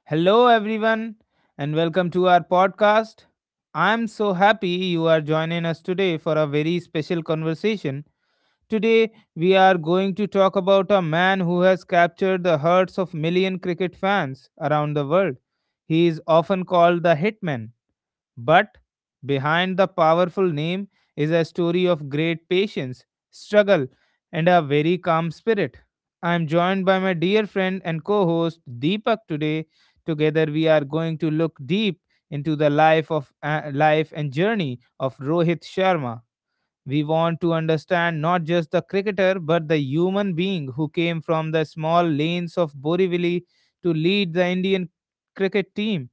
Hello, everyone, and welcome to our podcast. I am so happy you are joining us today for a very special conversation. Today, we are going to talk about a man who has captured the hearts of million cricket fans around the world. He is often called the Hitman, but behind the powerful name is a story of great patience, struggle, and a very calm spirit. I am joined by my dear friend and co host Deepak today. Together, we are going to look deep into the life and journey of Rohit Sharma. We want to understand not just the cricketer but the human being who came from the small lanes of Borivali to lead the Indian cricket team.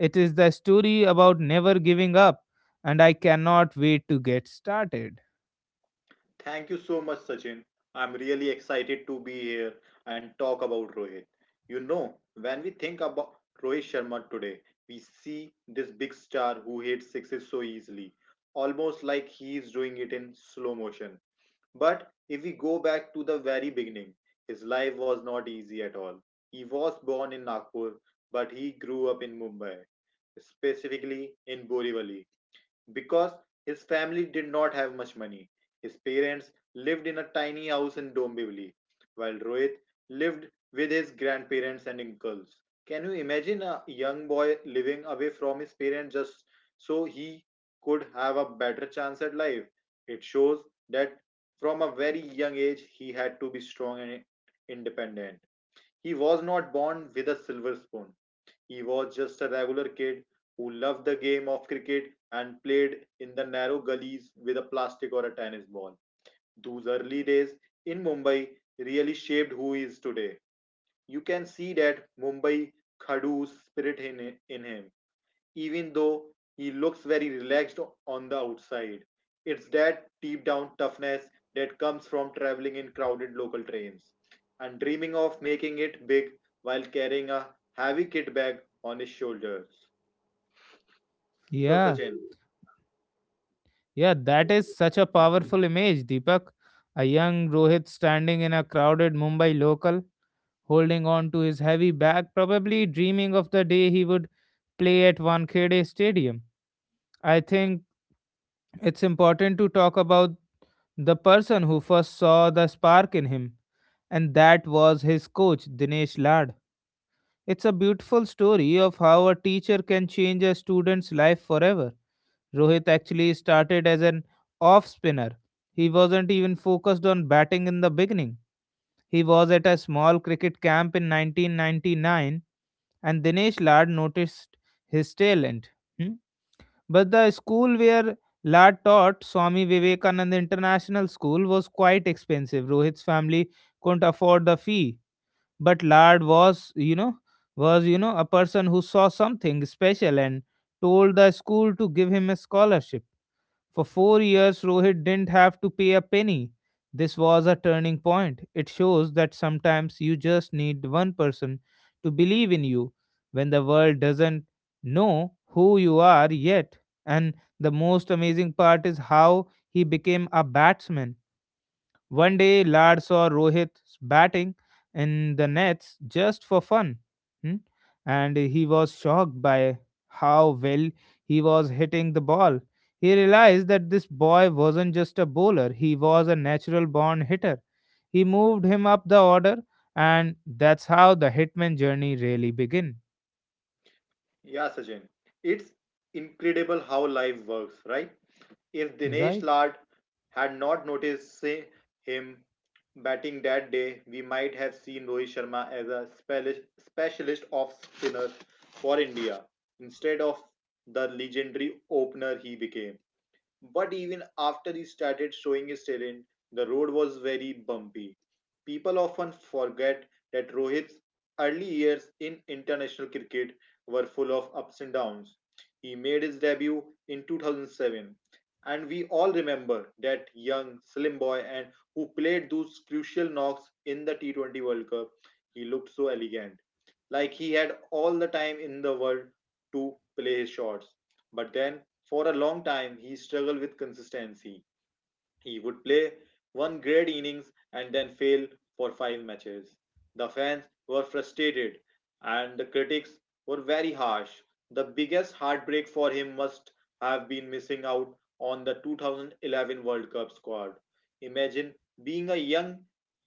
It is the story about never giving up, and I cannot wait to get started. Thank you so much, Sachin. I'm really excited to be here and talk about Rohit. You know, when we think about Rohit Sharma today, we see this big star who hits success so easily, almost like he is doing it in slow motion. But if we go back to the very beginning, his life was not easy at all. He was born in Nagpur, but he grew up in Mumbai, specifically in Borivali because his family did not have much money. His parents lived in a tiny house in Dombivli, while Rohit lived with his grandparents and uncles. Can you imagine a young boy living away from his parents just so he could have a better chance at life? It shows that from a very young age he had to be strong and independent. He was not born with a silver spoon. He was just a regular kid who loved the game of cricket and played in the narrow gullies with a plastic or a tennis ball. Those early days in Mumbai really shaped who he is today. You can see that Mumbai Khadu's spirit in him even though he looks very relaxed on the outside. It's that deep down toughness that comes from traveling in crowded local trains and dreaming of making it big while carrying a heavy kit bag on his shoulders. So, Yeah, Sachin, yeah, that is such a powerful image, Deepak. A young Rohit standing in a crowded Mumbai local, holding on to his heavy bag, probably dreaming of the day he would play at Wankhede Stadium. I think it's important to talk about the person who first saw the spark in him, and that was his coach, Dinesh Lad. It's a beautiful story of how a teacher can change a student's life forever. Rohit actually started as an off spinner. He wasn't even focused on batting in the beginning. He was at a small cricket camp in 1999, and Dinesh Lad noticed his talent. Hmm? But the school where Lad taught, Swami Vivekanand International School, was quite expensive. Rohit's family couldn't afford the fee, but Lard was a person who saw something special and told the school to give him a scholarship. For 4 years, Rohit didn't have to pay a penny. This was a turning point. It shows that sometimes you just need one person to believe in you when the world doesn't know who you are yet. And the most amazing part is how he became a batsman. One day, Lad saw Rohit batting in the nets just for fun, hmm, and he was shocked by how well he was hitting the ball. He realized that this boy wasn't just a bowler, he was a natural born hitter. He moved him up the order, and that's how the hitman journey really begin, yeah, Sachin, it's incredible how life works, right? If Dinesh right? Lad had not noticed him batting that day, we might have seen Rohit Sharma as a specialist off spinner for India instead of the legendary opener he became. But even after he started showing his talent, the road was very bumpy. People often forget that Rohit's early years in international cricket were full of ups and downs. He made his debut in 2007, and we all remember that young, slim boy and who played those crucial knocks in the T20 World Cup. He looked so elegant, like he had all the time in the world to play his shots. But then for a long time he struggled with consistency. He would play one great innings and then fail for five matches. The fans were frustrated and the critics were very harsh. The biggest heartbreak for him must have been missing out on the 2011 World Cup squad. Imagine being a young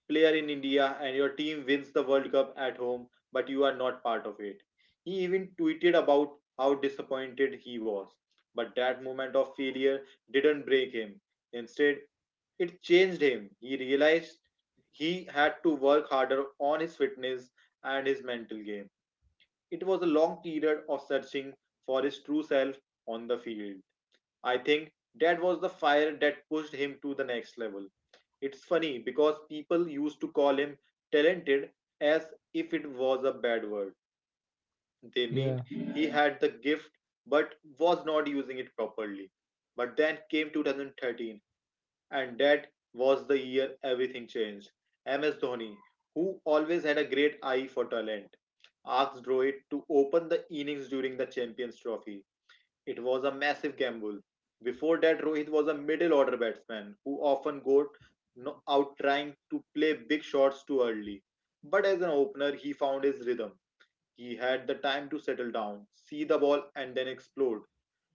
player in India and your team wins the World Cup at home, but you are not part of it. He even tweeted about how disappointed he was. But that moment of failure didn't break him. Instead, it changed him. He realized he had to work harder on his fitness and his mental game. It was a long period of searching for his true self on the field. I think that was the fire that pushed him to the next level. It's funny because people used to call him talented as if it was a bad word. They Yeah, meant he had the gift but was not using it properly. But then came 2013, and that was the year everything changed. MS Dhoni, who always had a great eye for talent, asked Rohit to open the innings during the Champions Trophy. It was a massive gamble. Before that, Rohit was a middle order batsman who often got out trying to play big shots too early. But as an opener, he found his rhythm. He had the time to settle down, see the ball, and then explode.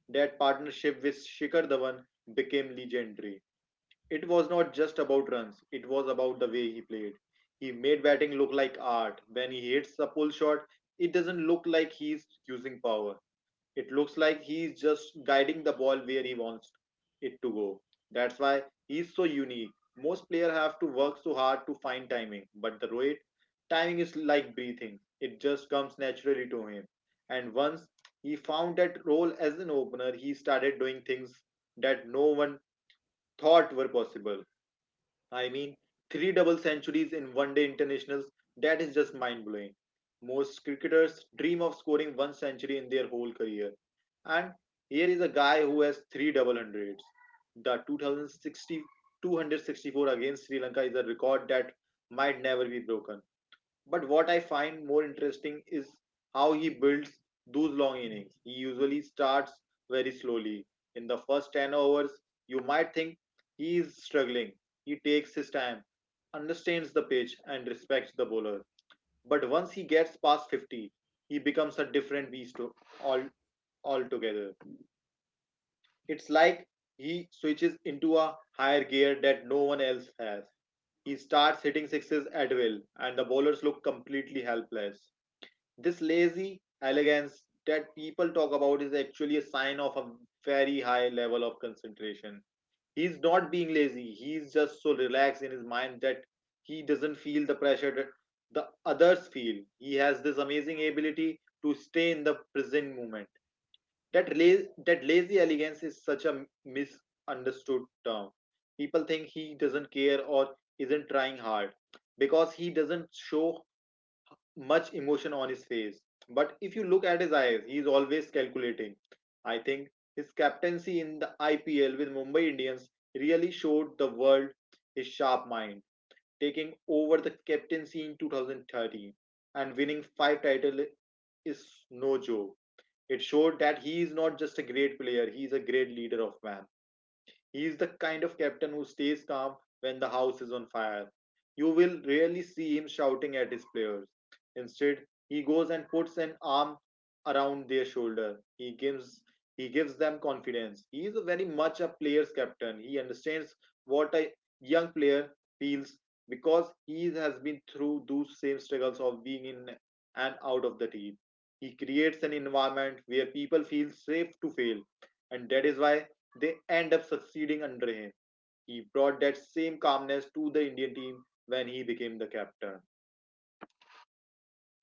That partnership with Shikhar Dhawan became legendary. It was not just about runs, it was about the way he played. He made batting look like art. When he hits a pull shot, it doesn't look like he's using power. It looks like he's just guiding the ball where he wants it to go. That's why he's so unique. Most players have to work so hard to find timing, but the Rohit timing is like breathing. It just comes naturally to him. And once he found that role as an opener, he started doing things that no one thought were possible. I mean, three double centuries in one day internationals, that is just mind blowing. Most cricketers dream of scoring one century in their whole career. And here is a guy who has three double hundreds. The 2060, against Sri Lanka, is a record that might never be broken. But what I find more interesting is how he builds those long innings. He usually starts very slowly. In the first 10 overs, you might think he is struggling. He takes his time, understands the pitch, and respects the bowler. But once he gets past 50, he becomes a different beast all, altogether. It's like he switches into a higher gear that no one else has. He starts hitting sixes at will, and the bowlers look completely helpless. This lazy elegance that people talk about is actually a sign of a very high level of concentration. He's not being lazy, he's just so relaxed in his mind that he doesn't feel the pressure that the others feel. He has this amazing ability to stay in the present moment. That lazy elegance is such a misunderstood term. People think he doesn't care or isn't trying hard because he doesn't show much emotion on his face. But if you look at his eyes, he is always calculating. I think his captaincy in the IPL with Mumbai Indians really showed the world his sharp mind, taking over the captaincy in 2013 and winning five titles is no joke. It showed that he is not just a great player, he is a great leader of man. He is the kind of captain who stays calm when the house is on fire. You will rarely see him shouting at his players. Instead, he goes and puts an arm around their shoulder. He gives them confidence. He is a very much a player's captain. He understands what a young player feels because he has been through those same struggles of being in and out of the team. He creates an environment where people feel safe to fail, and that is why they end up succeeding under him. He brought that same calmness to the Indian team when he became the captain.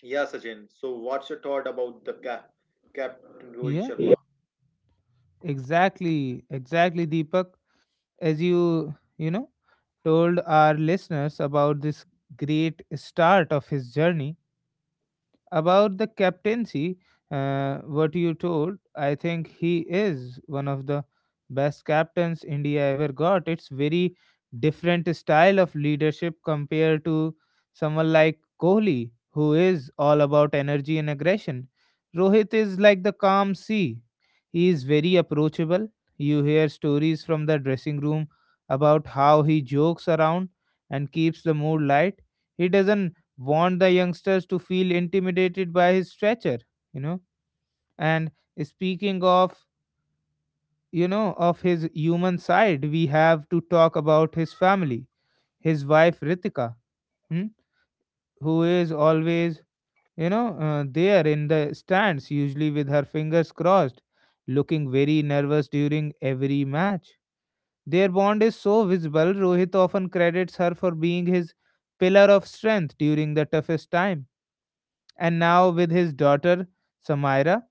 Yeah, Sachin. So, what's your thought about the captain Rohit yeah, Sharma? exactly, exactly, Deepak. As you told our listeners about this great start of his journey about the captaincy, what you told, I think he is one of the best captains India ever got. It's very different style of leadership compared to someone like Kohli, who is all about energy and aggression. Rohit is like the calm sea. He is very approachable. You hear stories from the dressing room about how he jokes around and keeps the mood light. He doesn't want the youngsters to feel intimidated by his stature, you know and speaking of you know of his human side, we have to talk about his family, his wife Ritika, hmm, who is always, there in the stands, usually with her fingers crossed, looking very nervous during every match. Their bond is so visible. Rohit often credits her for being his pillar of strength during the toughest time. And now with his daughter Samaira,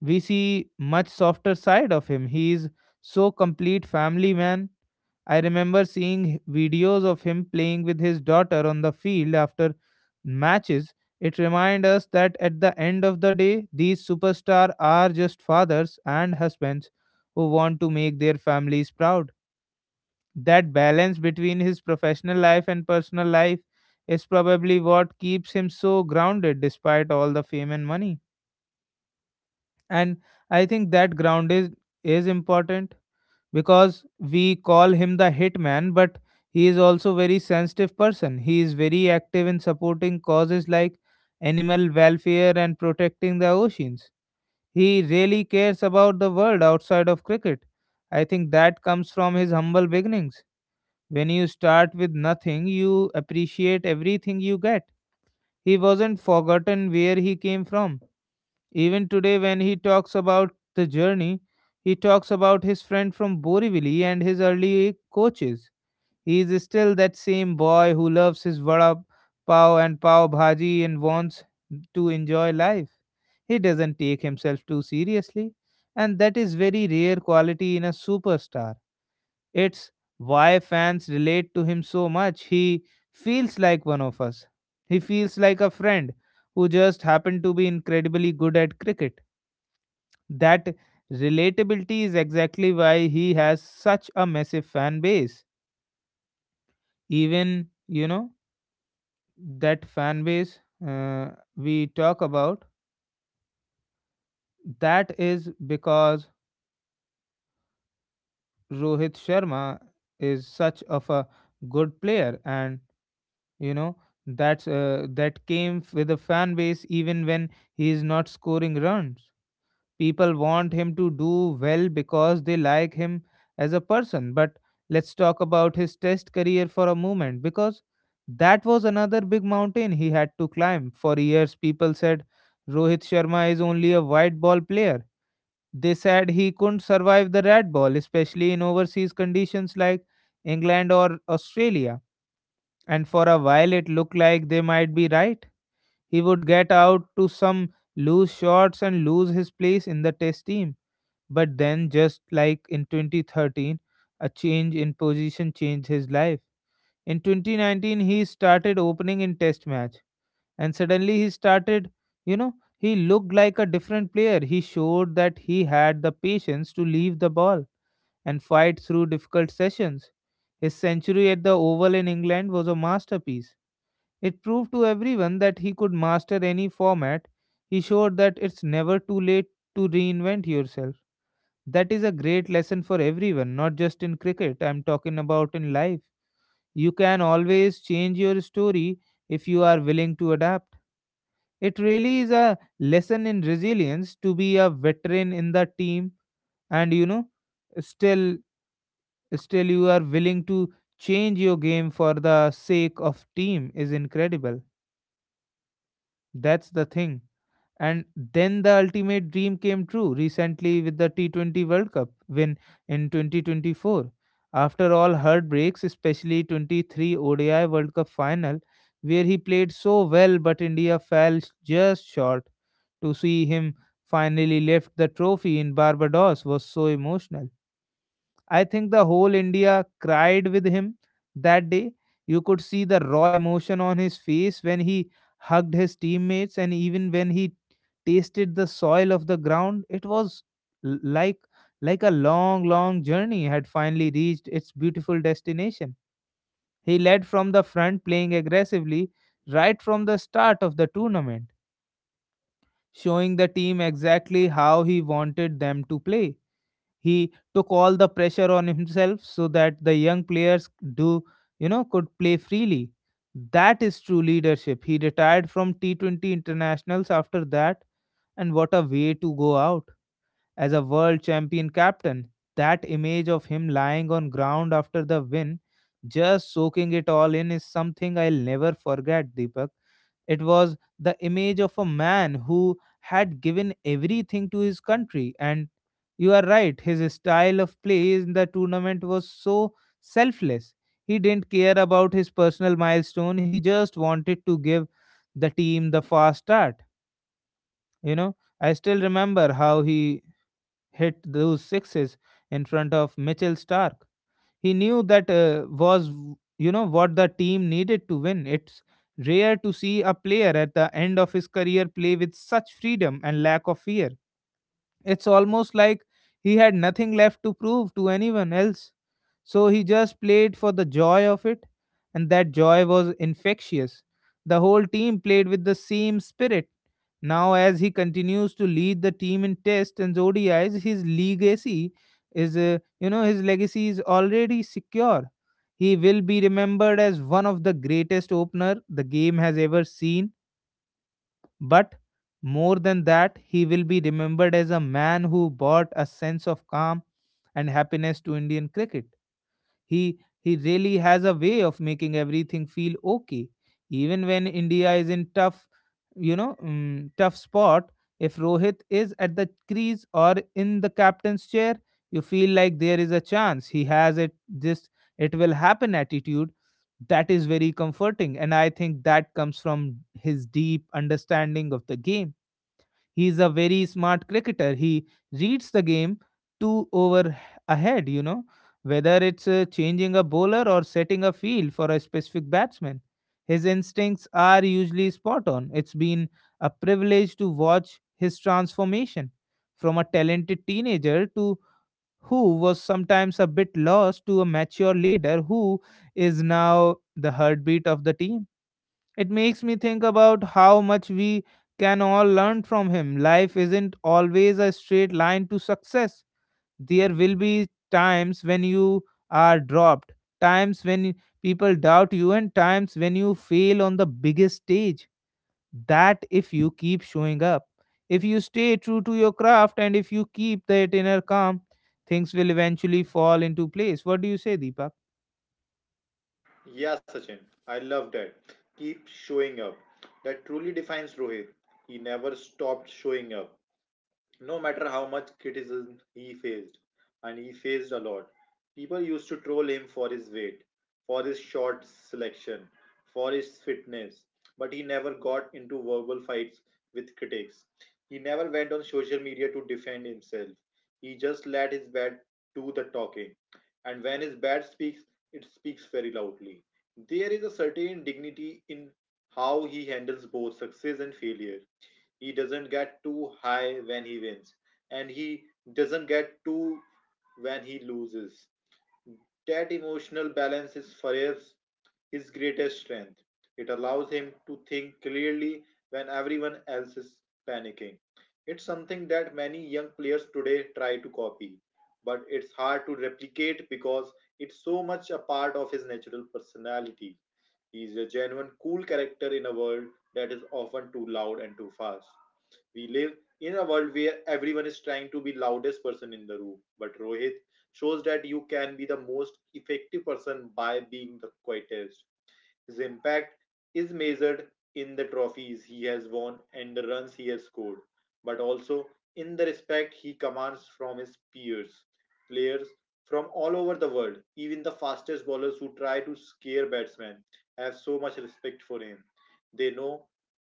we see much softer side of him. He is so complete family man. I remember seeing videos of him playing with his daughter on the field after matches. It reminds us that at the end of the day, these superstars are just fathers and husbands who want to make their families proud. That balance between his professional life and personal life is probably what keeps him so grounded despite all the fame and money. And I think that ground is important, because we call him the hitman, but he is also very sensitive person. He is very active in supporting causes like animal welfare and protecting the oceans. He really cares about the world outside of cricket. I think that comes from his humble beginnings. When you start with nothing, you appreciate everything you get. He wasn't forgotten where he came from. Even today, when he talks about the journey, he talks about his friend from Borivali and his early coaches. He is still that same boy who loves his vada pav and pav bhaji and wants to enjoy life. He doesn't take himself too seriously, and that is very rare quality in a superstar. It's why fans relate to him so much. He feels like one of us. He feels like a friend who just happened to be incredibly good at cricket. That relatability is exactly why he has such a massive fan base. Even, you know, that fan base uh, we talk about, that is because Rohit Sharma is such of a good player, and you know that came with a fan base. Even when he is not scoring runs, people want him to do well because they like him as a person. But let's talk about his test career for a moment, because that was another big mountain he had to climb. For years people said Rohit Sharma is only a white ball player. They said he couldn't survive the red ball, especially in overseas conditions like England or Australia, and for a while, it looked like they might be right. He would get out to some loose shots and lose his place in the test team. But then, just like in 2013, a change in position changed his life. In 2019, he started opening in test match. And suddenly, he started, he looked like a different player. He showed that he had the patience to leave the ball and fight through difficult sessions. His century at the Oval in England was a masterpiece. It proved to everyone that he could master any format. He showed that it's never too late to reinvent yourself. That is a great lesson for everyone, not just in cricket, I'm talking about in life. You can always change your story if you are willing to adapt. It really is a lesson in resilience. To be a veteran in the team and still still you are willing to change your game for the sake of team is incredible. That's the thing. And then the ultimate dream came true recently with the T20 World Cup win in 2024. After all heartbreaks, especially 23 ODI World Cup final, where he played so well but India fell just short. To see him finally lift the trophy in Barbados was so emotional. I think the whole India cried with him that day. You could see the raw emotion on his face when he hugged his teammates and even when he tasted the soil of the ground. It was l- like like a long, long journey had finally reached its beautiful destination. He led from the front playing aggressively right from the start of the tournament, showing the team exactly how he wanted them to play. He took all the pressure on himself so that the young players do, could play freely. That is true leadership. He retired from T20 internationals after that, and what a way to go out as a world champion captain. That image of him lying on ground after the win, just soaking it all in, is something I'll never forget, Deepak. It was the image of a man who had given everything to his country. And you are right, his style of play in the tournament was so selfless. He didn't care about his personal milestone, he just wanted to give the team the fast start. You know, I still remember how he hit those sixes in front of Mitchell Stark. He knew that was, you know, what the team needed to win. It's rare to see a player at the end of his career play with such freedom and lack of fear. It's almost like he had nothing left to prove to anyone else. So he just played for the joy of it, and that joy was infectious. The whole team played with the same spirit. Now, as he continues to lead the team in tests and ODIs, his legacy is, you know, his legacy is already secure. He will be remembered as one of the greatest opener the game has ever seen, but more than that, he will be remembered as a man who brought a sense of calm and happiness to Indian cricket. He really has a way of making everything feel okay, even when India is in tough, tough spot. If Rohit is at the crease or in the captain's chair, you feel like there is a chance. He has it. This "it will happen" attitude, that is very comforting, and I think that comes from his deep understanding of the game. He's a very smart cricketer. He reads the game 2 over ahead, whether it's changing a bowler or setting a field for a specific batsman. His instincts are usually spot on. It's been a privilege to watch his transformation from a talented teenager to who was sometimes a bit lost to a mature leader who is now the heartbeat of the team. It makes me think about how much we can all learn from him. Life isn't always a straight line to success. There will be times when you are dropped, times when people doubt you, and times when you fail on the biggest stage. That if you keep showing up, if you stay true to your craft, and if you keep that inner calm, things will eventually fall into place. What do you say, Deepak? Yeah, Sachin. I love that. Keep showing up. That truly defines Rohit. He never stopped showing up, no matter how much criticism he faced, and he faced a lot. People used to troll him for his weight, for his short selection, for his fitness, but he never got into verbal fights with critics. He never went on social media to defend himself. He just let his bat do the talking. And when his bat speaks, it speaks very loudly. There is a certain dignity in how he handles both success and failure. He doesn't get too high when he wins, and he doesn't get too when he loses. That emotional balance is perhaps his greatest strength. It allows him to think clearly when everyone else is panicking. It's something that many young players today try to copy, but it's hard to replicate because it's so much a part of his natural personality. He is a genuine cool character in a world that is often too loud and too fast. We live in a world where everyone is trying to be loudest person in the room, but Rohit shows that you can be the most effective person by being the quietest. His impact is measured in the trophies he has won and the runs he has scored, but also in the respect he commands from his peers. Players from all over the world, even the fastest bowlers who try to scare batsmen, have so much respect for him. They know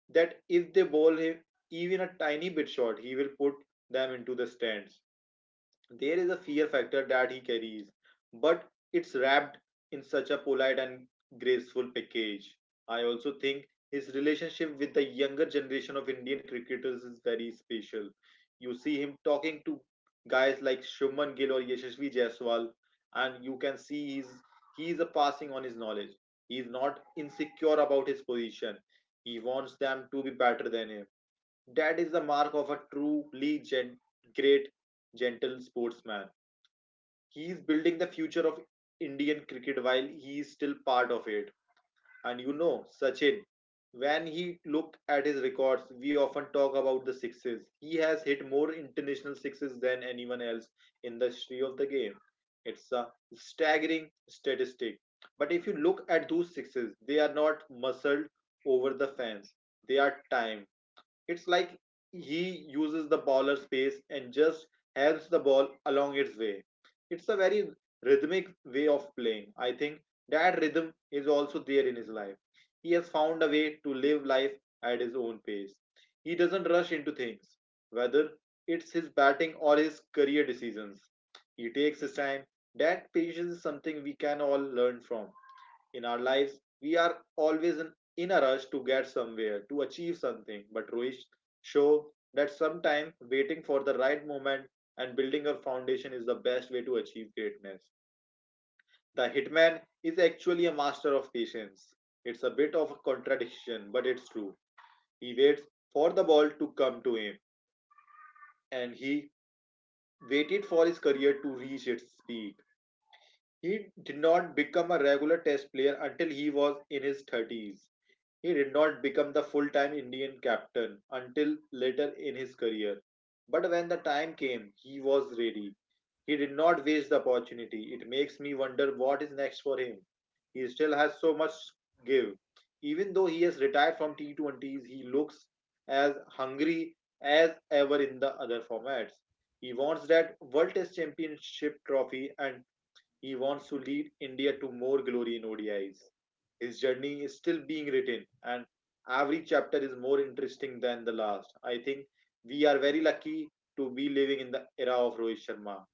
that if they bowl him even a tiny bit short, he will put them into the stands. There is a fear factor that he carries, but it's wrapped in such a polite and graceful package. I also think his relationship with the younger generation of Indian cricketers is very special. You see him talking to guys like Shubman Gill or Yashasvi Jaiswal, and you can see he's a passing on his knowledge. He's not insecure about his position. He wants them to be better than him. That is the mark of a truly great, gentle sportsman. He is building the future of Indian cricket while he is still part of it. And you know, Sachin, when he look at his records, we often talk about the sixes. He has hit more international sixes than anyone else in the history of the game. It's a staggering statistic. But if you look at those sixes, they are not muscled over the fence. They are timed. It's like he uses the bowler's pace and just helps the ball along its way. It's a very rhythmic way of playing. I think that rhythm is also there in his life. He has found a way to live life at his own pace. He doesn't rush into things, whether it's his batting or his career decisions. He takes his time. That patience is something we can all learn from. In our lives, we are always in a rush to get somewhere, to achieve something. But Rohit show that sometimes waiting for the right moment and building a foundation is the best way to achieve greatness. The hitman is actually a master of patience. It's a bit of a contradiction, but it's true. He waits for the ball to come to him, and he waited for his career to reach its peak. He did not become a regular test player until he was in his 30s. He did not become the full time Indian captain until later in his career. But when the time came, he was ready. He did not waste the opportunity. It makes me wonder what is next for him. He still has so much give. Even though he has retired from T20s, he looks as hungry as ever in the other formats. He wants that World Test Championship trophy, and he wants to lead India to more glory in ODIs. His journey is still being written, and every chapter is more interesting than the last. I think we are very lucky to be living in the era of Rohit Sharma.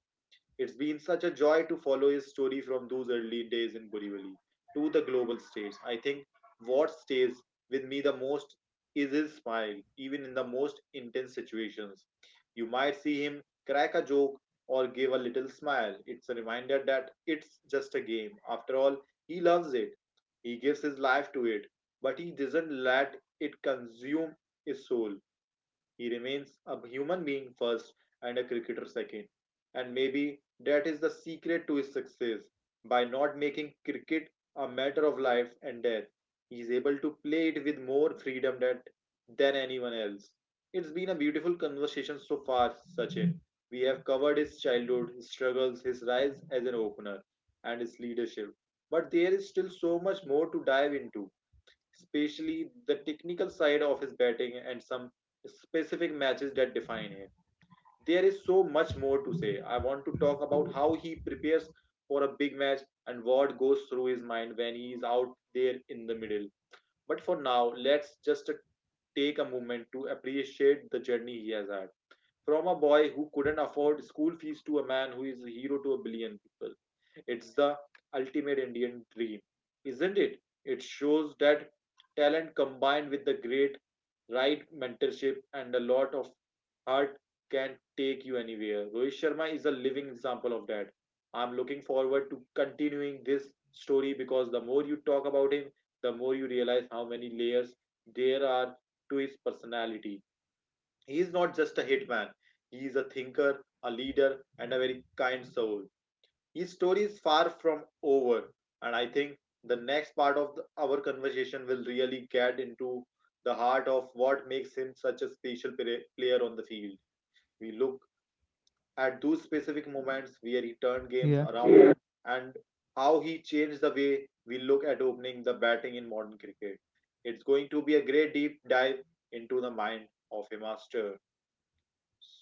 It's been such a joy to follow his story, from those early days in Borivali to the global stage. I think what stays with me the most is his smile, even in the most intense situations. You might see him crack a joke or give a little smile. It's a reminder that it's just a game. After all, he loves it. He gives his life to it, but he doesn't let it consume his soul. He remains a human being first and a cricketer second. And maybe that is the secret to his success. By not making cricket a matter of life and death, he is able to play it with more freedom than anyone else. It's been a beautiful conversation so far, Sachin. We have covered his childhood, his struggles, his rise as an opener, and his leadership. But there is still so much more to dive into, especially the technical side of his batting and some specific matches that define him. There is so much more to say. I want to talk about how he prepares for a big match and what goes through his mind when he is out there in the middle. But for now, let's just take a moment to appreciate the journey he has had. From a boy who couldn't afford school fees to a man who is a hero to a billion people. It's the ultimate Indian dream, isn't it? It shows that talent, combined with the great right mentorship and a lot of heart, can take you anywhere. Rohit Sharma is a living example of that. I'm looking forward to continuing this story, because the more you talk about him, the more you realize how many layers there are to his personality. He is not just a hitman, he is a thinker, a leader, and a very kind soul. His story is far from over, and I think the next part of our conversation will really get into the heart of what makes him such a special player on the field. We look at those specific moments where he turned games Yeah. around and how he changed the way we look at opening the batting in modern cricket. It's going to be a great deep dive into the mind of a master.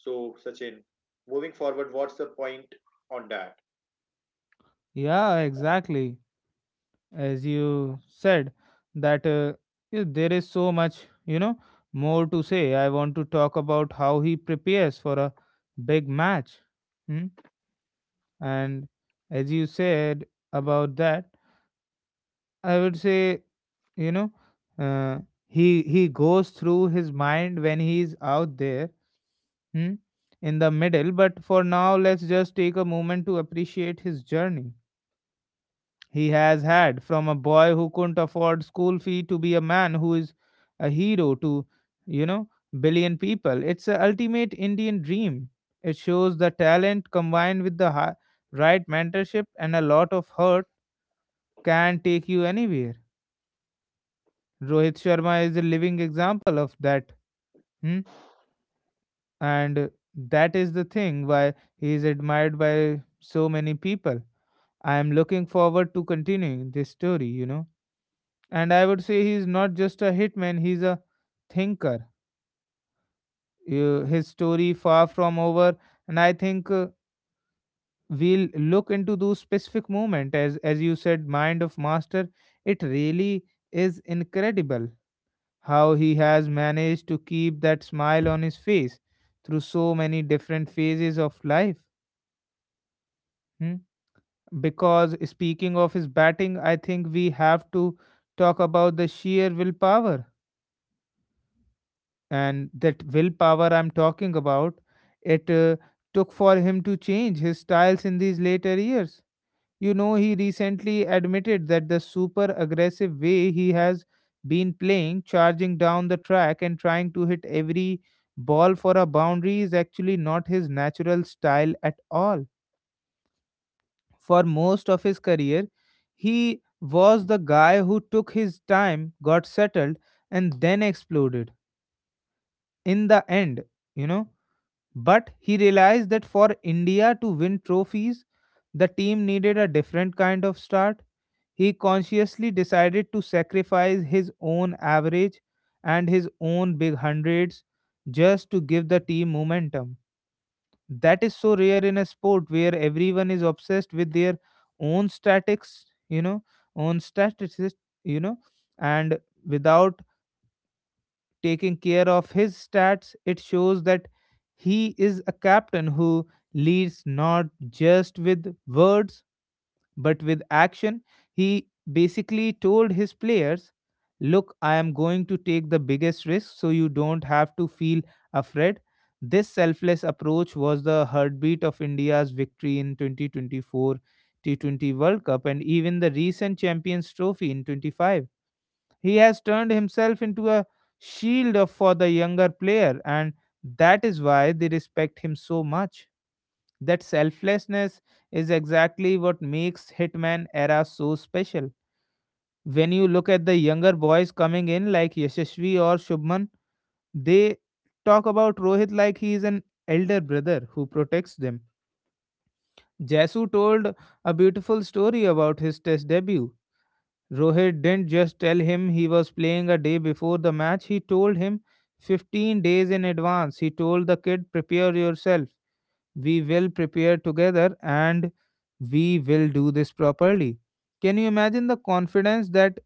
So, Sachin, moving forward, what's the point on that? Yeah, exactly. As you said that yeah, there is so much more to say. I want to talk about how he prepares for a big match. Hmm? And as you said about that, I would say, you know uh, he goes through his mind when he is out there. Hmm? In the middle. But for now, let's just take a moment to appreciate his journey he has had, from a boy who couldn't afford school fee to be a man who is a hero to, you know billion people. It's a ultimate Indian dream. It shows the talent combined with the right mentorship and a lot of hurt can take you anywhere. Rohit Sharma is a living example of that. Hmm? And that is the thing why he is admired by so many people. I am looking forward to continuing this story, and I would say he's not just a hitman, he's a thinker. His story far from over, and I think we'll look into those specific moment, as you said, mind of master. It really is incredible how he has managed to keep that smile on his face through so many different phases of life. Hmm. Because speaking of his batting, I think we have to talk about the sheer willpower, and that willpower I'm talking about, it took for him to change his styles in these later years. You know, he recently admitted that the super aggressive way he has been playing, charging down the track and trying to hit every ball for a boundary, is actually not his natural style at all. For most of his career, he was the guy who took his time, got settled, and then exploded. In the end, you know but he realized that for India to win trophies, the team needed a different kind of start. He consciously decided to sacrifice his own average and his own big hundreds just to give the team momentum. That is so rare in a sport where everyone is obsessed with their own statics, own statistics, you know, and without taking care of his stats, it shows that he is a captain who leads not just with words but with action. He basically told his players, "Look, I am going to take the biggest risk so you don't have to feel afraid." This selfless approach was the heartbeat of India's victory in 2024 T20 World Cup and even the recent Champions Trophy in 25. He has turned himself into a shield of- for the younger player, and that is why they respect him so much. That selflessness is exactly what makes Hitman era so special. When you look at the younger boys coming in, like Yashasvi or Shubman, they talk about Rohit like he is an elder brother who protects them. Jasu told a beautiful story about his test debut. Rohit didn't just tell him he was playing a day before the match, he told him 15 days in advance. He told the kid, "Prepare yourself. We will prepare together and we will do this properly." Can you imagine the confidence that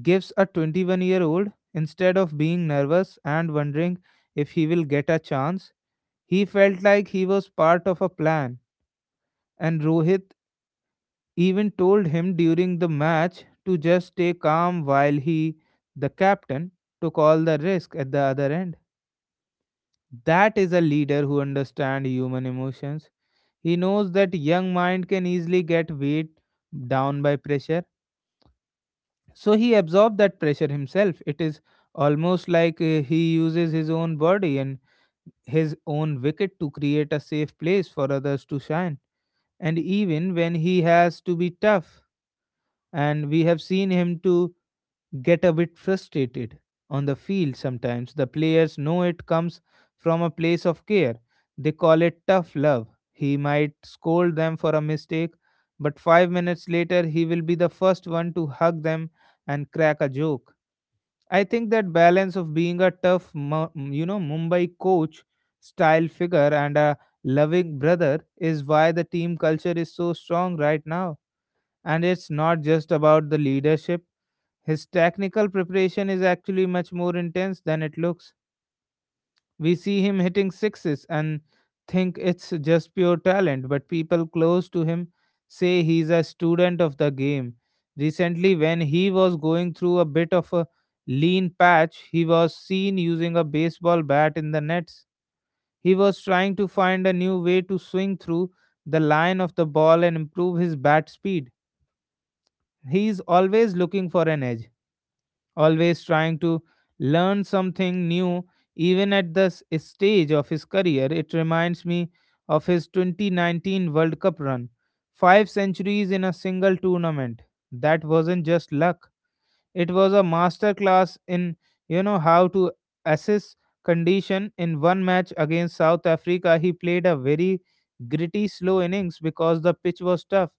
gives a 21-year-old? Instead of being nervous and wondering if he will get a chance, he felt like he was part of a plan. And Rohit even told him during the match to just stay calm while he, the captain, took all the risk at the other end. That is a leader who understands human emotions. He knows that young mind can easily get weighed down by pressure. So he absorbs that pressure himself. It is almost like he uses his own body and his own wicket to create a safe place for others to shine. And even when he has to be tough, and we have seen him to get a bit frustrated on the field sometimes. The players know it comes from a place of care. They call it tough love. He might scold them for a mistake, but 5 minutes later, he will be the first one to hug them and crack a joke. I think that balance of being a tough, Mumbai coach style figure and a loving brother is why the team culture is so strong right now. And it's not just about the leadership, his technical preparation is actually much more intense than it looks. We see him hitting sixes and think it's just pure talent, but people close to him say he's a student of the game. Recently, when he was going through a bit of a lean patch, he was seen using a baseball bat in the nets. He was trying to find a new way to swing through the line of the ball and improve his bat speed. He is always looking for an edge, always trying to learn something new even at this stage of his career. It reminds me of his 2019 World Cup run. Five centuries in a single tournament. That wasn't just luck. It was a masterclass in, how to assess condition. In one match against South Africa, he played a very gritty slow innings because the pitch was tough.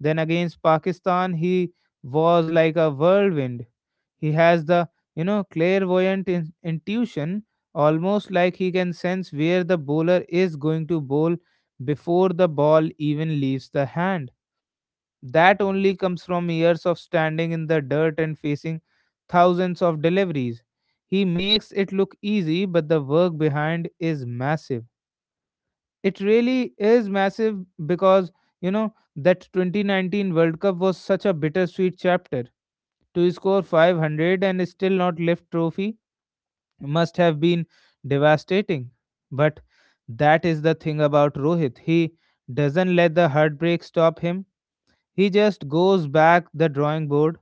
Then against Pakistan he was like a whirlwind. He has the, clairvoyant intuition, almost like he can sense where the bowler is going to bowl before the ball even leaves the hand. That only comes from years of standing in the dirt and facing thousands of deliveries. He makes it look easy, but the work behind is massive. It really is massive because, that 2019 World Cup was such a bittersweet chapter. To score 500 and still not lift trophy must have been devastating. But that is the thing about Rohit. He doesn't let the heartbreak stop him. He just goes back the drawing board.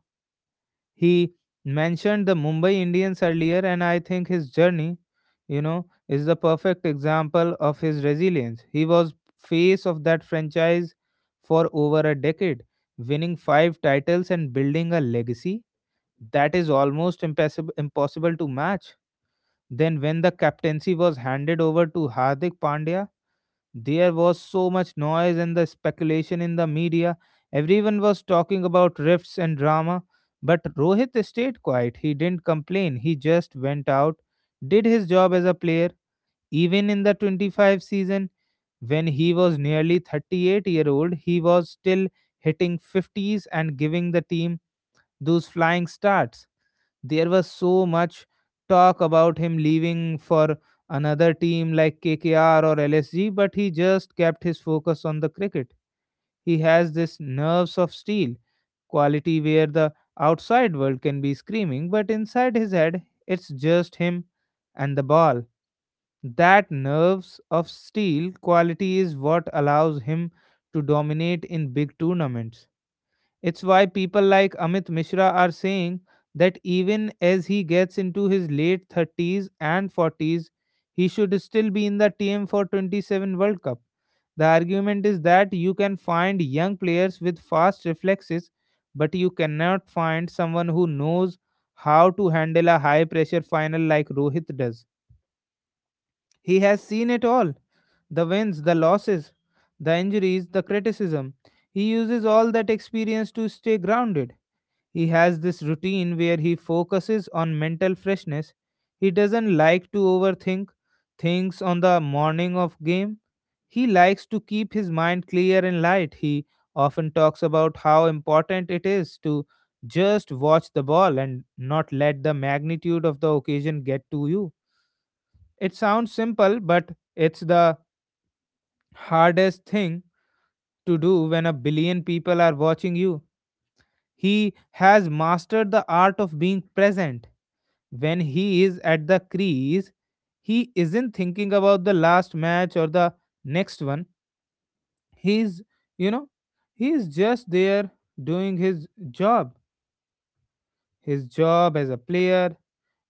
He mentioned the Mumbai Indians earlier, and I think his journey, is the perfect example of his resilience. He was face of that franchise for over a decade, winning five titles and building a legacy that is almost impossible to match. Then, when the captaincy was handed over to Hardik Pandya, there was so much noise and the speculation in the media. Everyone was talking about rifts and drama, but Rohit stayed quiet. He didn't complain, he just went out, did his job as a player. Even in the 25 season, when he was nearly 38-year-old, he was still hitting 50s and giving the team those flying starts. There was so much talk about him leaving for another team like KKR or LSG, but he just kept his focus on the cricket. He has this nerves of steel quality where the outside world can be screaming, but inside his head, it's just him and the ball. That nerves of steel quality is what allows him to dominate in big tournaments. It's why people like Amit Mishra are saying that even as he gets into his late 30s and 40s, he should still be in the TM for 27 World Cup. The argument is that you can find young players with fast reflexes, but you cannot find someone who knows how to handle a high pressure final like Rohit does. He has seen it all, the wins, the losses, the injuries, the criticism. He uses all that experience to stay grounded. He has this routine where he focuses on mental freshness. He doesn't like to overthink things on the morning of game. He likes to keep his mind clear and light. He often talks about how important it is to just watch the ball and not let the magnitude of the occasion get to you. It sounds simple, but it's the hardest thing to do when a billion people are watching you. He has mastered the art of being present. When he is at the crease, he isn't thinking about the last match or the next one. He's, you know, he is just there doing his job as a player,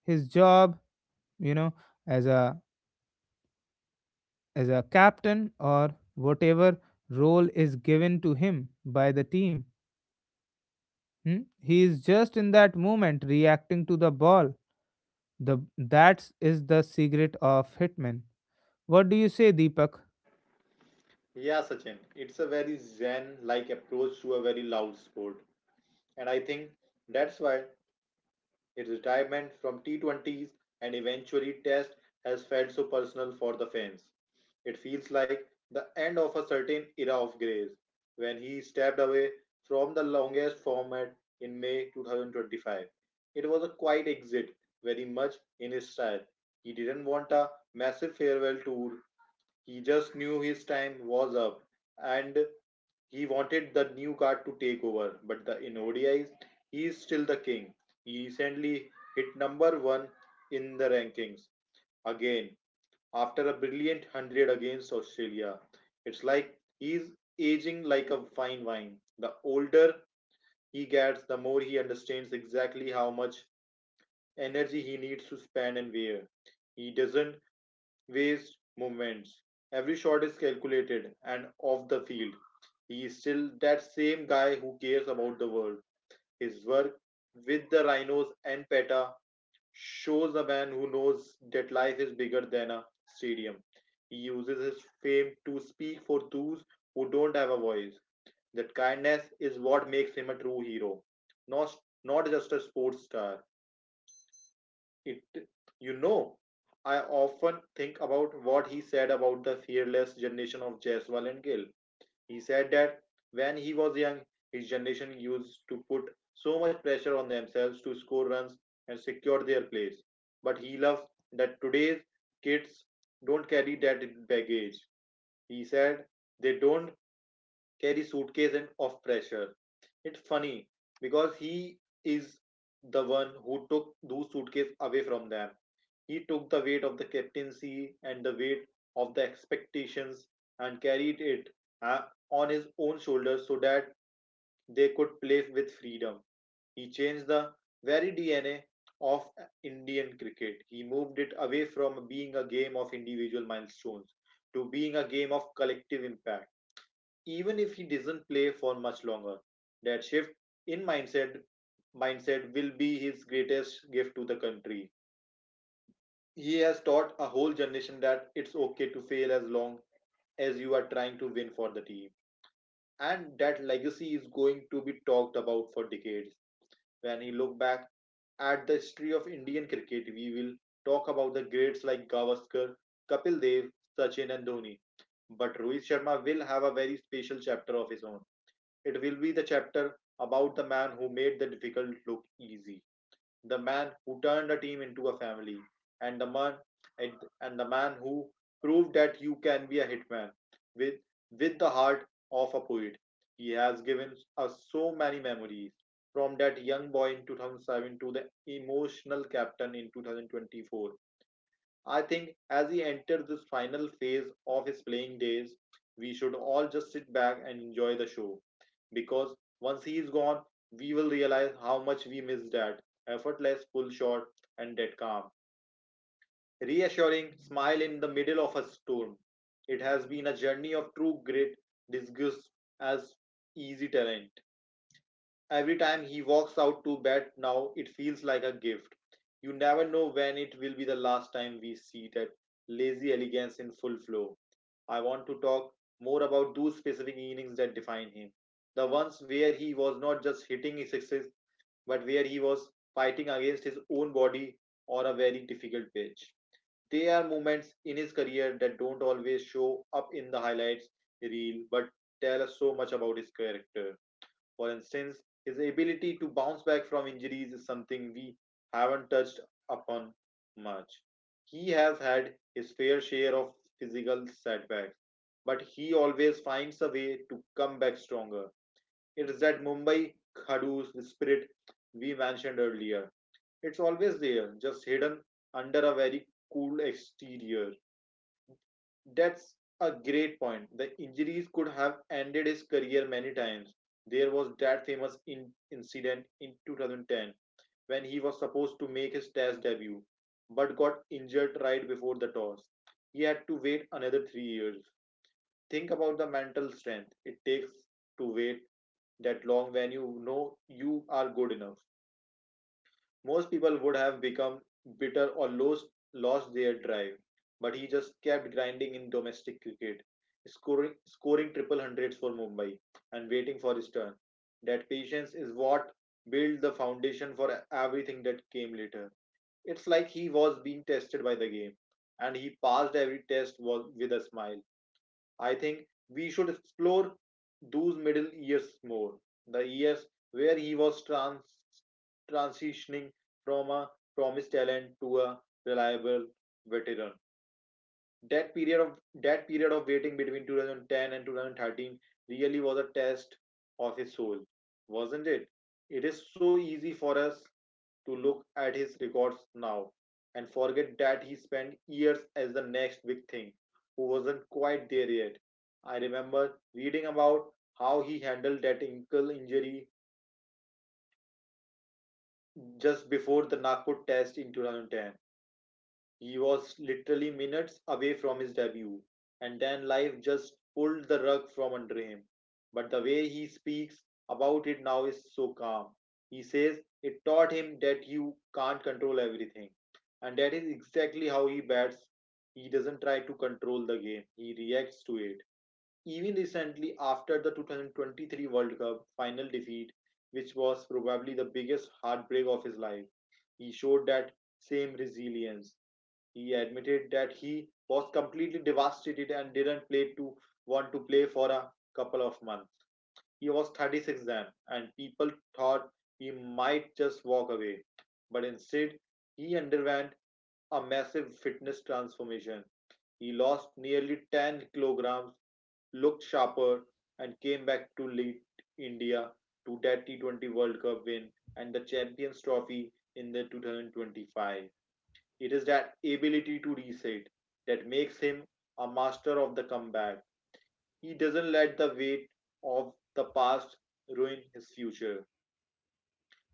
his job, you know, as a as a captain or whatever role is given to him by the team. Hmm? He is just in that moment reacting to the ball. The that is the secret of hitman. What do you say, Deepak? Yeah, Sachin, it's a very zen like approach to a very loud sport. And I think that's why his retirement from T20s, and eventually Test, has felt so personal for the fans. It feels like the end of a certain era of grace. When he stepped away from the longest format in May 2025, it was a quiet exit, very much in his style. He didn't want a massive farewell tour, he just knew his time was up and he wanted the new card to take over. But in ODIs, he is still the king. He recently hit number one in the rankings again, after a brilliant 100 against Australia. It's like he's aging like a fine wine. The older he gets, the more he understands exactly how much energy he needs to spend and where. He doesn't waste moments. Every shot is calculated, and off the field, he is still that same guy who cares about the world. His work with the Rhinos and PETA shows a man who knows that life is bigger than a stadium. He uses his fame to speak for those who don't have a voice. That kindness is what makes him a true hero, not not just a sports star. It, you know, I often think about what he said about the fearless generation of Jaiswal and Gill. He said that when he was young, his generation used to put so much pressure on themselves to score runs and secure their place. But he loves that today's kids don't carry that baggage. He said they don't carry suitcase and of pressure. It's funny, because he is the one who took those suitcases away from them. He took the weight of the captaincy and the weight of the expectations and carried it, uh, on his own shoulders, so that they could play with freedom. He changed the very DNA of Indian cricket. He moved it away from being a game of individual milestones to being a game of collective impact. Even if he doesn't play for much longer, that shift in mindset will be his greatest gift to the country. He has taught a whole generation that it's okay to fail, as long as you are trying to win for the team. And that legacy is going to be talked about for decades. When we look back at the history of Indian cricket, we will talk about the greats like Gavaskar, Kapil Dev, Sachin, and Dhoni. But Rohit Sharma will have a very special chapter of his own. It will be the chapter about the man who made the difficult look easy, the man who turned a team into a family, and the man and, and the man who proved that you can be a hitman with with the heart of a poet. He has given us so many memories, from that young boy in 2007 to the emotional captain in 2024. I think as he enters this final phase of his playing days, we should all just sit back and enjoy the show. Because once he is gone, we will realize how much we missed that effortless pull shot and that calm, reassuring smile in the middle of a storm. It has been a journey of true grit, disguised as easy terrain. Every time he walks out to bat now, it feels like a gift. You never know when it will be the last time we see that lazy elegance in full flow. I want to talk more about those specific innings that define him. The ones where he was not just hitting his sixes, but where he was fighting against his own body on a very difficult pitch. There are moments in his career that don't always show up in the highlights reel, but tell us so much about his character. For instance, his ability to bounce back from injuries is something we haven't touched upon much. He has had his fair share of physical setbacks, but he always finds a way to come back stronger. It is that Mumbai Khadus spirit we mentioned earlier. It's always there, just hidden under a very cool exterior. That's a great point. The injuries could have ended his career many times. There was that famous incident in 2010, when he was supposed to make his test debut but got injured right before the toss. He had to wait another 3 years. Think about the mental strength it takes to wait that long when you know you are good enough. Most people would have become bitter, or lost their drive, but he just kept grinding in domestic cricket, scoring triple hundreds for Mumbai and waiting for his turn. That patience is what built the foundation for everything that came later. It's like he was being tested by the game, and he passed every test with a smile. I think we should explore those middle years more. The years where he was transitioning from a promised talent to a reliable veteran. That period of that period of waiting between 2010 and 2013 really was a test of his soul, wasn't it? It is so easy for us to look at his records now and forget that he spent years as the next big thing who wasn't quite there yet. I remember reading about how he handled that ankle injury just before the Nagpur test in 2010. He was literally minutes away from his debut, and then life just pulled the rug from under him. But the way he speaks about it now is so calm. He says it taught him that you can't control everything, and that is exactly how he bats. He doesn't try to control the game, he reacts to it. Even recently, after the 2023 World Cup final defeat, which was probably the biggest heartbreak of his life, he showed that same resilience. He admitted that he was completely devastated and didn't play to want to play for a couple of months. He was 36 then, and people thought he might just walk away. But instead, he underwent a massive fitness transformation. He lost nearly 10 kilograms, looked sharper, and came back to lead India to that T20 World Cup win and the Champions Trophy in the 2025. It is that ability to reset that makes him a master of the comeback. He doesn't let the weight of the past ruin his future.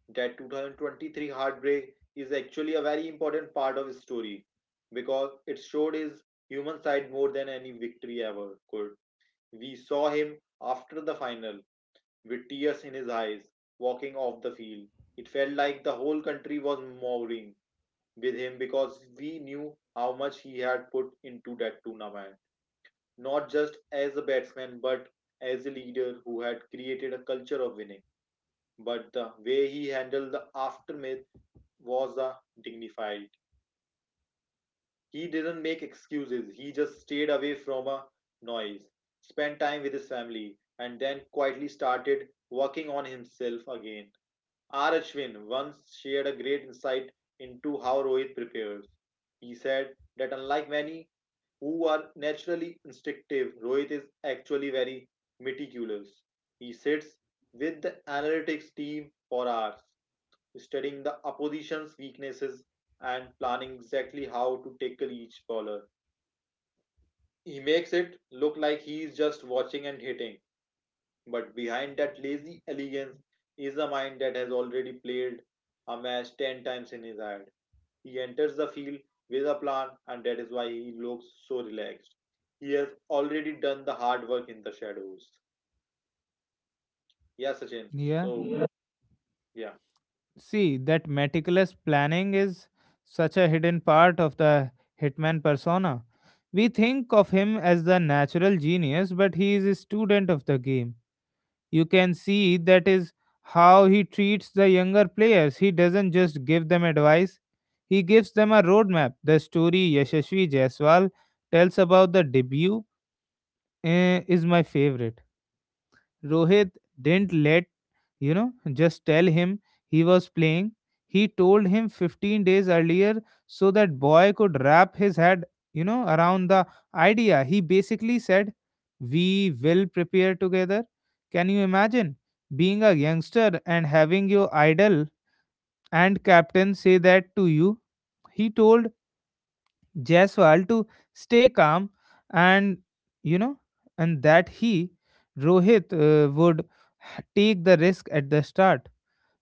That 2023 heartbreak is actually a very important part of his story because it showed his human side more than any victory ever could. We saw him after the final with tears in his eyes walking off the field. It felt like the whole country was mourning with him because we knew how much he had put into that tournament, not just as a batsman but as a leader who had created a culture of winning. But the way he handled the aftermath was a dignified. He didn't make excuses, he just stayed away from a noise, spent time with his family, and then quietly started working on himself again. R. Ashwin once shared a great insight into how Rohit prepares. He said that unlike many who are naturally instinctive, Rohit is actually very meticulous. He sits with the analytics team for hours, studying the opposition's weaknesses and planning exactly how to tackle each bowler. He makes it look like he is just watching and hitting, but behind that lazy elegance is a mind that has already played a match 10 times in his head. He enters the field with a plan, and that is why he looks so relaxed. He has already done the hard work in the shadows. Yeah, Sachin. Yeah. So, yeah. Yeah, See, that meticulous planning is such a hidden part of the hitman persona. We think of him as the natural genius, but he is a student of the game. You can see that is how he treats the younger players. He doesn't just give them advice, he gives them a roadmap. The story Yashasvi Jaiswal tells about the debut is my favorite. Rohit didn't let you know just tell him he was playing. He told him 15 days earlier so that boy could wrap his head around the idea. He basically said, we will prepare together. Can you imagine being a youngster and having your idol and captain say that to you? He told Jaiswal to stay calm, and you know and that he rohit would take the risk at the start.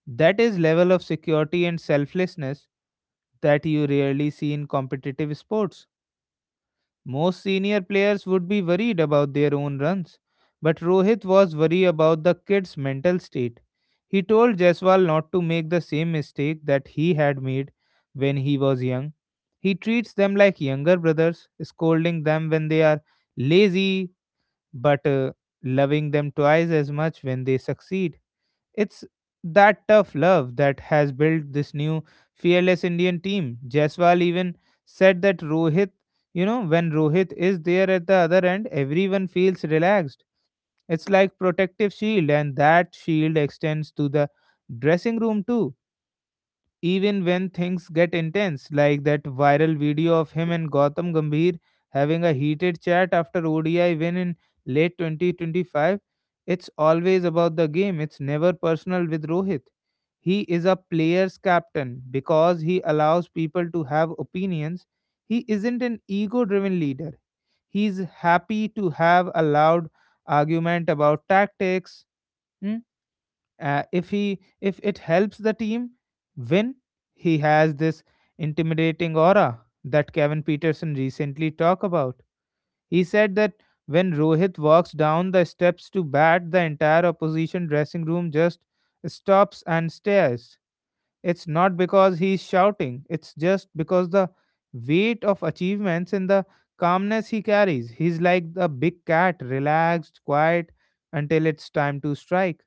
That is level of security and selflessness that you rarely see in competitive sports. Most senior players would be worried about their own runs, but Rohit was worried about the kid's mental state. He told Jaiswal not to make the same mistake that he had made when he was young. He treats them like younger brothers, scolding them when they are lazy, but loving them twice as much when they succeed. It's that tough love that has built this new fearless Indian team. Jaiswal even said that Rohit, when Rohit is there at the other end, everyone feels relaxed. It's like protective shield, and that shield extends to the dressing room too, even when things get intense, like that viral video of him and Gautam Gambhir having a heated chat after ODI win in late 2025. It's always about the game, it's never personal with Rohit. He is a player's captain because he allows people to have opinions. He isn't an ego driven leader. He's happy to have a loud argument about tactics, hmm, if it helps the team win. He has this intimidating aura that Kevin Peterson recently talked about. He said that when Rohit walks down the steps to bat, the entire opposition dressing room just stops and stares. It's not because he's shouting, it's just because the weight of achievements and the calmness he carries. He's like a big cat, relaxed, quiet, until it's time to strike.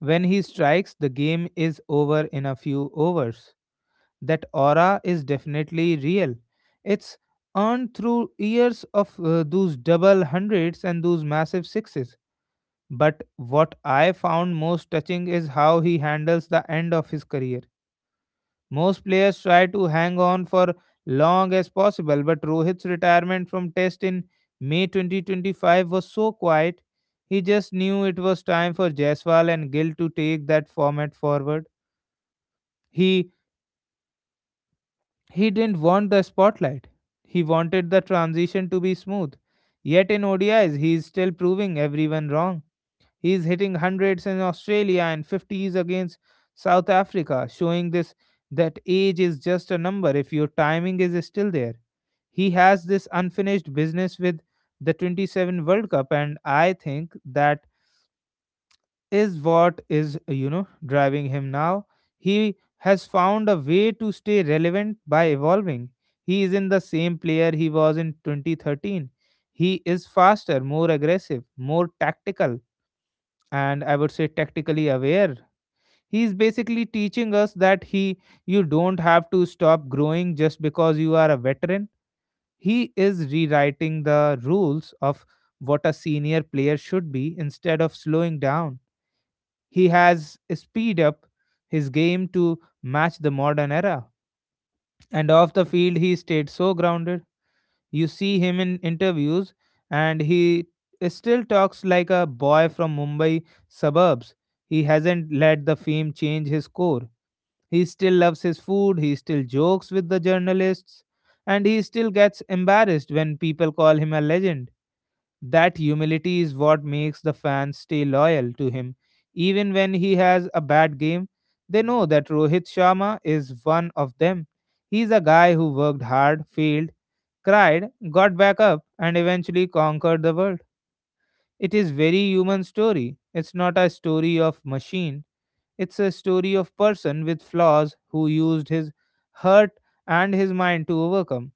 When he strikes, the game is over in a few overs. That aura is definitely real. It's earned through years of those double hundreds and those massive sixes. But what I found most touching is how he handles the end of his career. Most players try to hang on for long as possible, but Rohit's retirement from Test in May 2025 was so quiet. He just knew it was time for Jaiswal and Gill to take that format forward. He he didn't want the spotlight. He wanted the transition to be smooth. Yet in ODIs, he is still proving everyone wrong. He's hitting hundreds in Australia and 50s against South Africa, showing this that age is just a number if your timing is still there. He has this unfinished business with the 27 World Cup, and I think that is what is driving him now. He has found a way to stay relevant by evolving. He is in the same player he was in 2013. He is faster, more aggressive, more tactical, and I would say tactically aware. He is basically teaching us that he you don't have to stop growing just because you are a veteran. He is rewriting the rules of what a senior player should be. Instead of slowing down, he has speed up his game to match the modern era. And off the field, he stayed so grounded. You see him in interviews, and he still talks like a boy from Mumbai suburbs. He hasn't let the fame change his core. He still loves his food, he still jokes with the journalists, and he still gets embarrassed when people call him a legend. That humility is what makes the fans stay loyal to him. Even when he has a bad game, they know that Rohit Sharma is one of them. He's a guy who worked hard, failed, cried, got back up, and eventually conquered the world. It is very human story. It's not a story of machine. It's a story of person with flaws who used his hurt and his mind to overcome.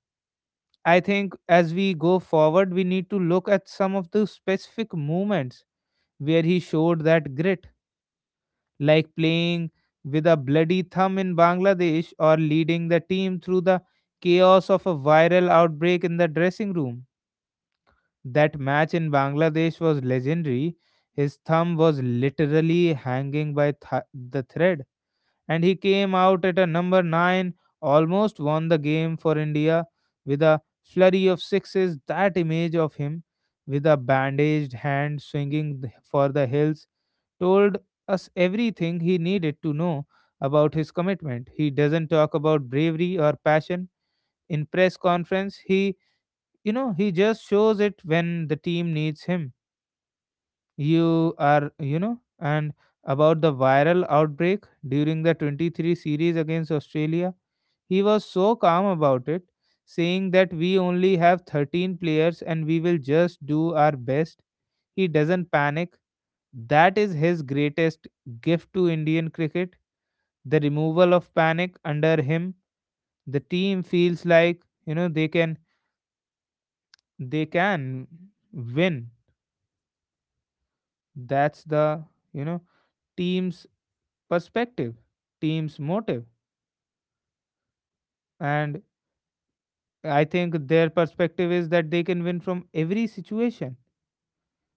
I think as we go forward, we need to look at some of the specific moments where he showed that grit, like playing with a bloody thumb in Bangladesh or leading the team through the chaos of a viral outbreak in the dressing room. That match in Bangladesh was legendary. His thumb was literally hanging by the thread, and he came out at a number 9, almost won the game for India with a flurry of sixes. That image of him with a bandaged hand swinging for the hills told us everything he needed to know about his commitment. He doesn't talk about bravery or passion in press conference. He just shows it when the team needs him. You are, and about the viral outbreak during the 23 series against Australia. He was so calm about it, saying that we only have 13 players and we will just do our best. He doesn't panic. That is his greatest gift to Indian cricket. The removal of panic under him, the team feels like, they can win. That's the, you know, team's perspective, team's motive. And I think their perspective is that they can win from every situation.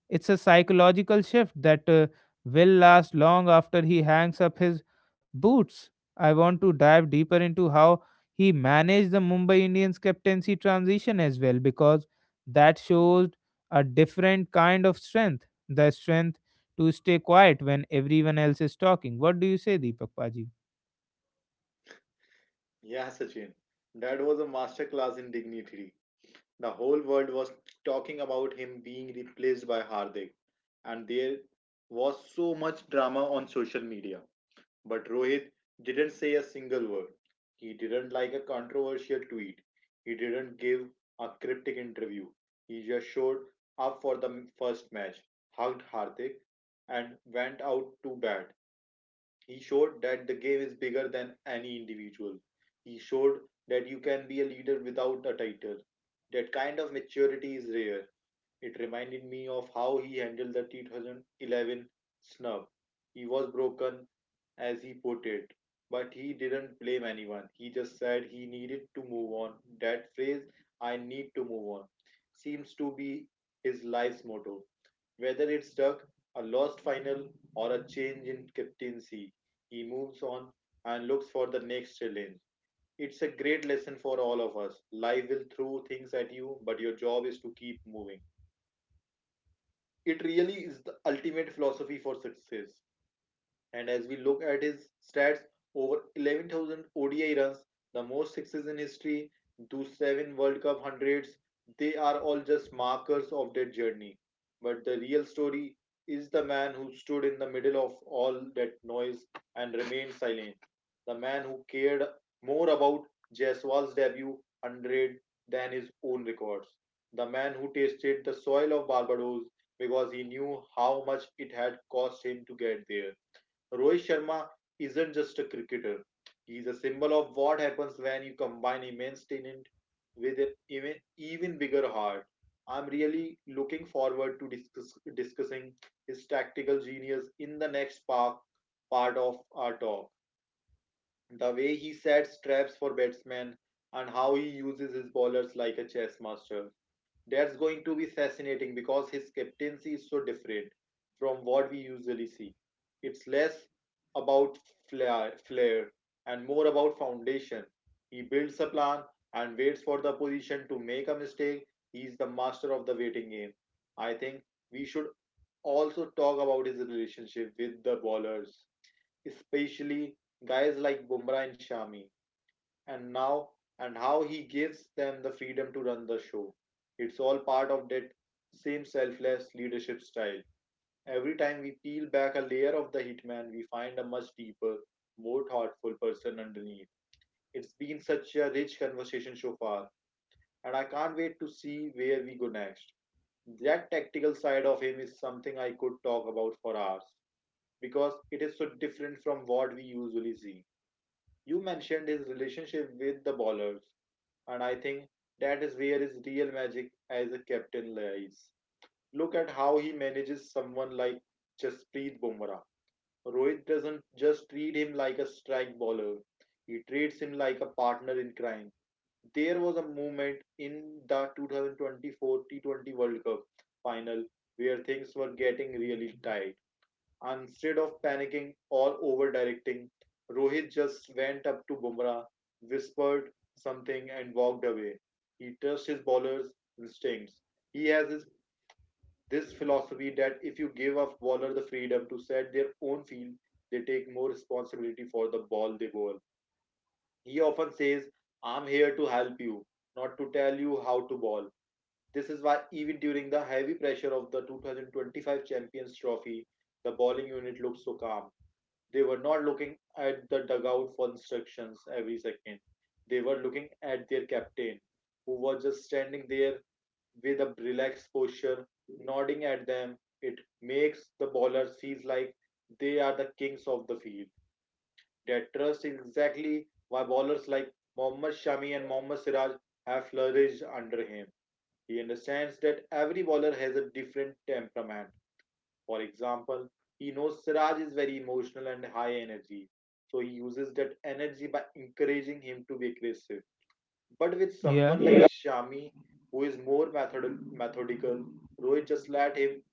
It's a psychological shift that will last long after he hangs up his boots. I want to dive deeper into how he managed the Mumbai Indians captaincy transition as well, because that shows a different kind of strength, the strength to stay quiet when everyone else is talking. What do you say, Deepak Paji? yeah, Sachin. That was a masterclass in dignity. The whole world was talking about him being replaced by Hardik, and there was so much drama on social media. But Rohit didn't say a single word. He didn't like a controversial tweet. He didn't give a cryptic interview. He just showed up for the first match, hugged Hardik, and went out to bat. He showed that the game is bigger than any individual. He showed that you can be a leader without a title. That kind of maturity is rare. It reminded me of how he handled the 2011 snub. He was broken, as he put it, but he didn't blame anyone. He just said he needed to move on. That phrase, "I need to move on," seems to be his life's motto. Whether it's stuck, a lost final, or a change in captaincy, he moves on and looks for the next challenge. It's a great lesson for all of us. Life will throw things at you, but your job is to keep moving. It really is the ultimate philosophy for success. And as we look at his stats, over 11,000 ODI runs, the most sixes in history, those seven World Cup hundreds, they are all just markers of their journey. But the real story is the man who stood in the middle of all that noise and remained silent. The man who cared more about Jaiswal's debut 100 than his own records. The man who tasted the soil of Barbados because he knew how much it had cost him to get there. Rohit Sharma isn't just a cricketer. He's a symbol of what happens when you combine immense talent with an even bigger heart. I'm really looking forward to discussing his tactical genius in the next part of our talk. The way he sets traps for batsmen and how he uses his bowlers like a chess master. That's going to be fascinating because his captaincy is so different from what we usually see. It's less about flair and more about foundation. He builds a plan and waits for the opposition to make a mistake. He's the master of the waiting game. I think we should also talk about his relationship with the bowlers, especially guys like Bumrah and Shami, and now, and how he gives them the freedom to run the show. It's all part of that same selfless leadership style. Every time we peel back a layer of the hitman, we find a much deeper, more thoughtful person underneath. It's been such a rich conversation so far, and I can't wait to see where we go next. That tactical side of him is something I could talk about for hours because it is so different from what we usually see. You mentioned his relationship with the ballers, and I think that is where his real magic as a captain lies. Look at how he manages someone like Jasprit Bumrah. Rohit doesn't just treat him like a strike bowler; he treats him like a partner in crime. There was a moment in the 2024 T20 World Cup final where things were getting really tight. Instead of panicking or over directing, Rohit just went up to Bumrah, whispered something, and walked away. He trusts his bowler's instincts. He has this philosophy that if you give a bowler the freedom to set their own field, they take more responsibility for the ball they bowl. He often says, "I'm here to help you, not to tell you how to bowl." This is why, even during the heavy pressure of the 2025 Champions Trophy, the bowling unit looked so calm. They were not looking at the dugout for instructions every second. They were looking at their captain, who was just standing there with a relaxed posture, nodding at them. It makes the bowlers feel like they are the kings of the field. That trust is exactly why bowlers like Mohammad Shami and Mohammad Siraj have flourished under him. He understands that every bowler has a different temperament. For example, he knows Siraj is very emotional and high energy, so he uses that energy by encouraging him to be aggressive. But with Yeah, someone like Shami, who is more methodical, Rohit just let him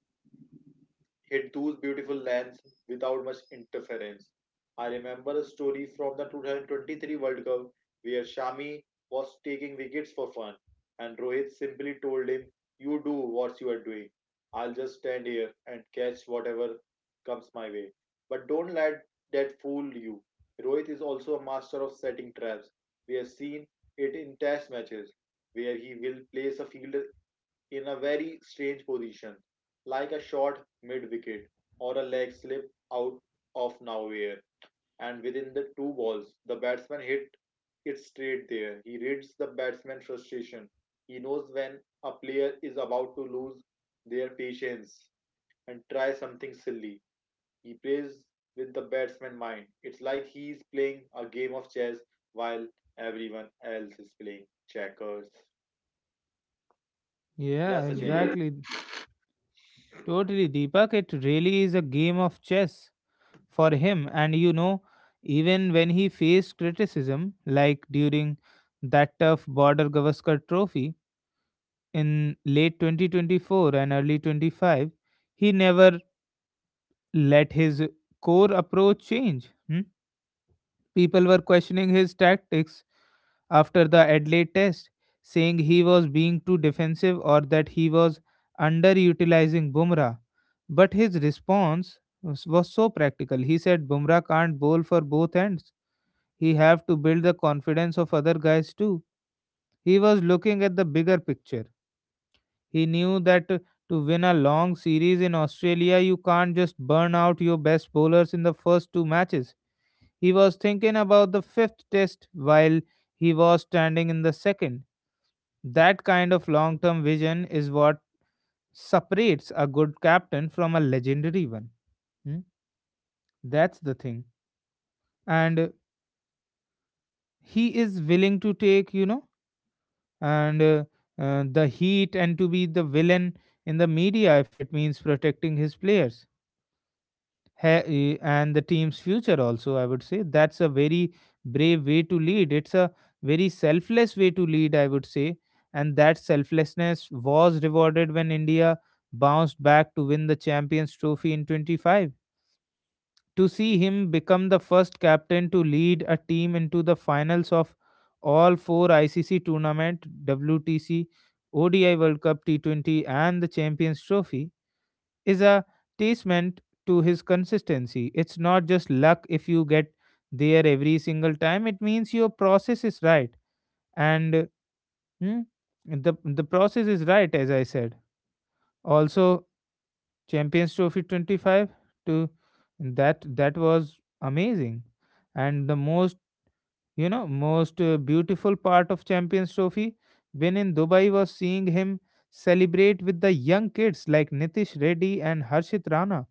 hit those beautiful lands without much interference. I remember a story from the 2023 World Cup where Shami was taking wickets for fun, and Rohit simply told him, "You do what you are doing. I'll just stand here and catch whatever comes my way." But don't let that fool you. Rohit is also a master of setting traps. We have seen it in test matches where he will place a fielder in a very strange position, like a short mid wicket, or a leg slip out of nowhere, and within the two balls, the batsman hit it straight there. He reads the batsman's frustration. He knows when a player is about to lose their patience and try something silly. He plays with the batsman's mind. It's like he is playing a game of chess while everyone else is playing checkers. yeah, Yeah, Sachin. exactly. Totally, Deepak. It really is a game of chess for him. And even when he faced criticism, like during that tough border Gavaskar trophy in late 2024 and early 25, he never let his core approach change. Hmm. People were questioning his tactics after the Adelaide test, saying he was being too defensive or that he was underutilizing Bumrah. But his response was so practical. He said Bumrah can't bowl for both ends. He have to build the confidence of other guys too. He was looking at the bigger picture. He knew that to win a long series in Australia, you can't just burn out your best bowlers in the first two matches. He was thinking about the fifth test while he was standing in the second. That kind of long term vision is what separates a good captain from a legendary one. Hmm? That's the thing. And he is willing to take, you know, and the heat and to be the villain in the media if it means protecting his players and the team's future also. I would say that's a very brave way to lead. It's a very selfless way to lead, I would say. And that selflessness was rewarded when India bounced back to win the champions trophy in 25. To see him become the first captain to lead a team into the finals of all four ICC tournament, WTC, ODI World Cup, T20, and the Champions Trophy is a testament to his consistency. It's not just luck if you get there every single time. It means your process is right, and hmm, the process is right, as I said. Also Champions Trophy 25, to that that was amazing. And the most, most beautiful part of Champions Trophy when in Dubai was seeing him celebrate with the young kids like Nitish Reddy and Harshit Rana.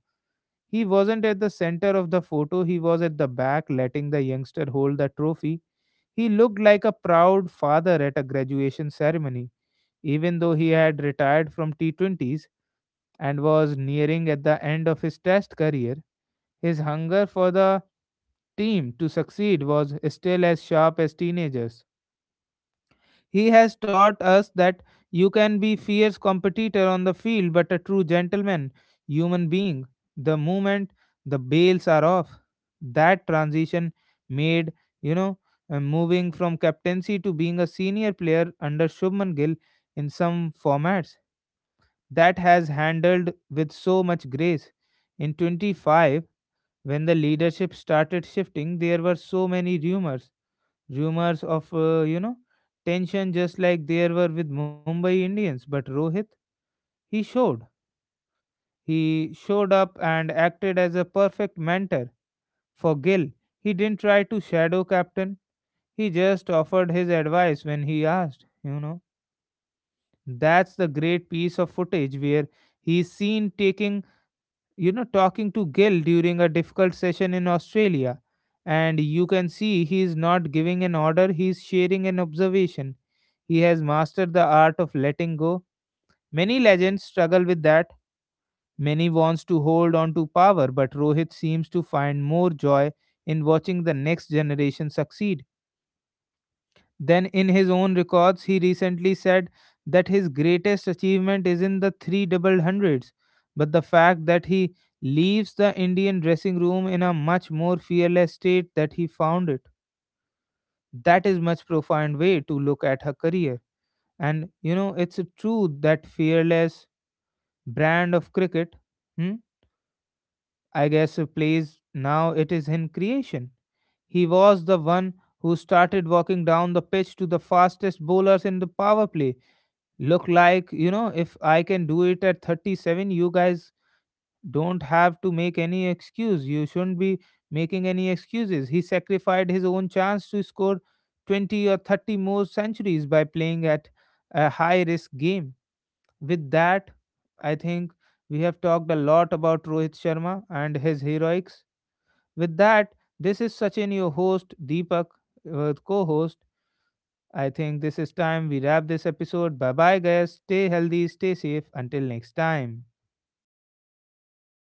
He wasn't at the center of the photo, he was at the back letting the youngster hold the trophy. He looked like a proud father at a graduation ceremony. Even though he had retired from T20s and was nearing at the end of his test career, his hunger for the team to succeed was still as sharp as teenagers. He has taught us that you can be fierce competitor on the field but a true gentleman, human being. The moment the bails are off, that transition made, you know, moving from captaincy to being a senior player under Shubman Gill in some formats, that has handled with so much grace. In 25, when the leadership started shifting, there were so many rumors, rumors of tension, just like there were with Mumbai Indians. But Rohit, he showed. He showed up and acted as a perfect mentor for Gill. He didn't try to shadow captain. He just offered his advice when he asked, That's the great piece of footage where he's seen taking you know talking to Gil during a difficult session in Australia, and you can see he is not giving an order, he is sharing an observation. He has mastered the art of letting go. Many legends struggle with that. Many wants to hold on to power, but Rohit seems to find more joy in watching the next generation succeed then, in his own records. He recently said that his greatest achievement is in the three double hundreds. But the fact that he leaves the Indian dressing room in a much more fearless state that he found it, that is much profound way to look at her career. And you know, it's true that fearless brand of cricket, hmm, I guess, plays now it is in creation. He was the one who started walking down the pitch to the fastest bowlers in the power play. Look like, if I can do it at 37, you guys don't have to make any excuse. You shouldn't be making any excuses. He sacrificed his own chance to score 20 or 30 more centuries by playing at a high risk game. With that, I think we have talked a lot about Rohit Sharma and his heroics. With that, this is Sachin, your host. Deepak, co-host. I think this is time we wrap this episode. Bye bye, guys. Stay healthy, stay safe. Until next time.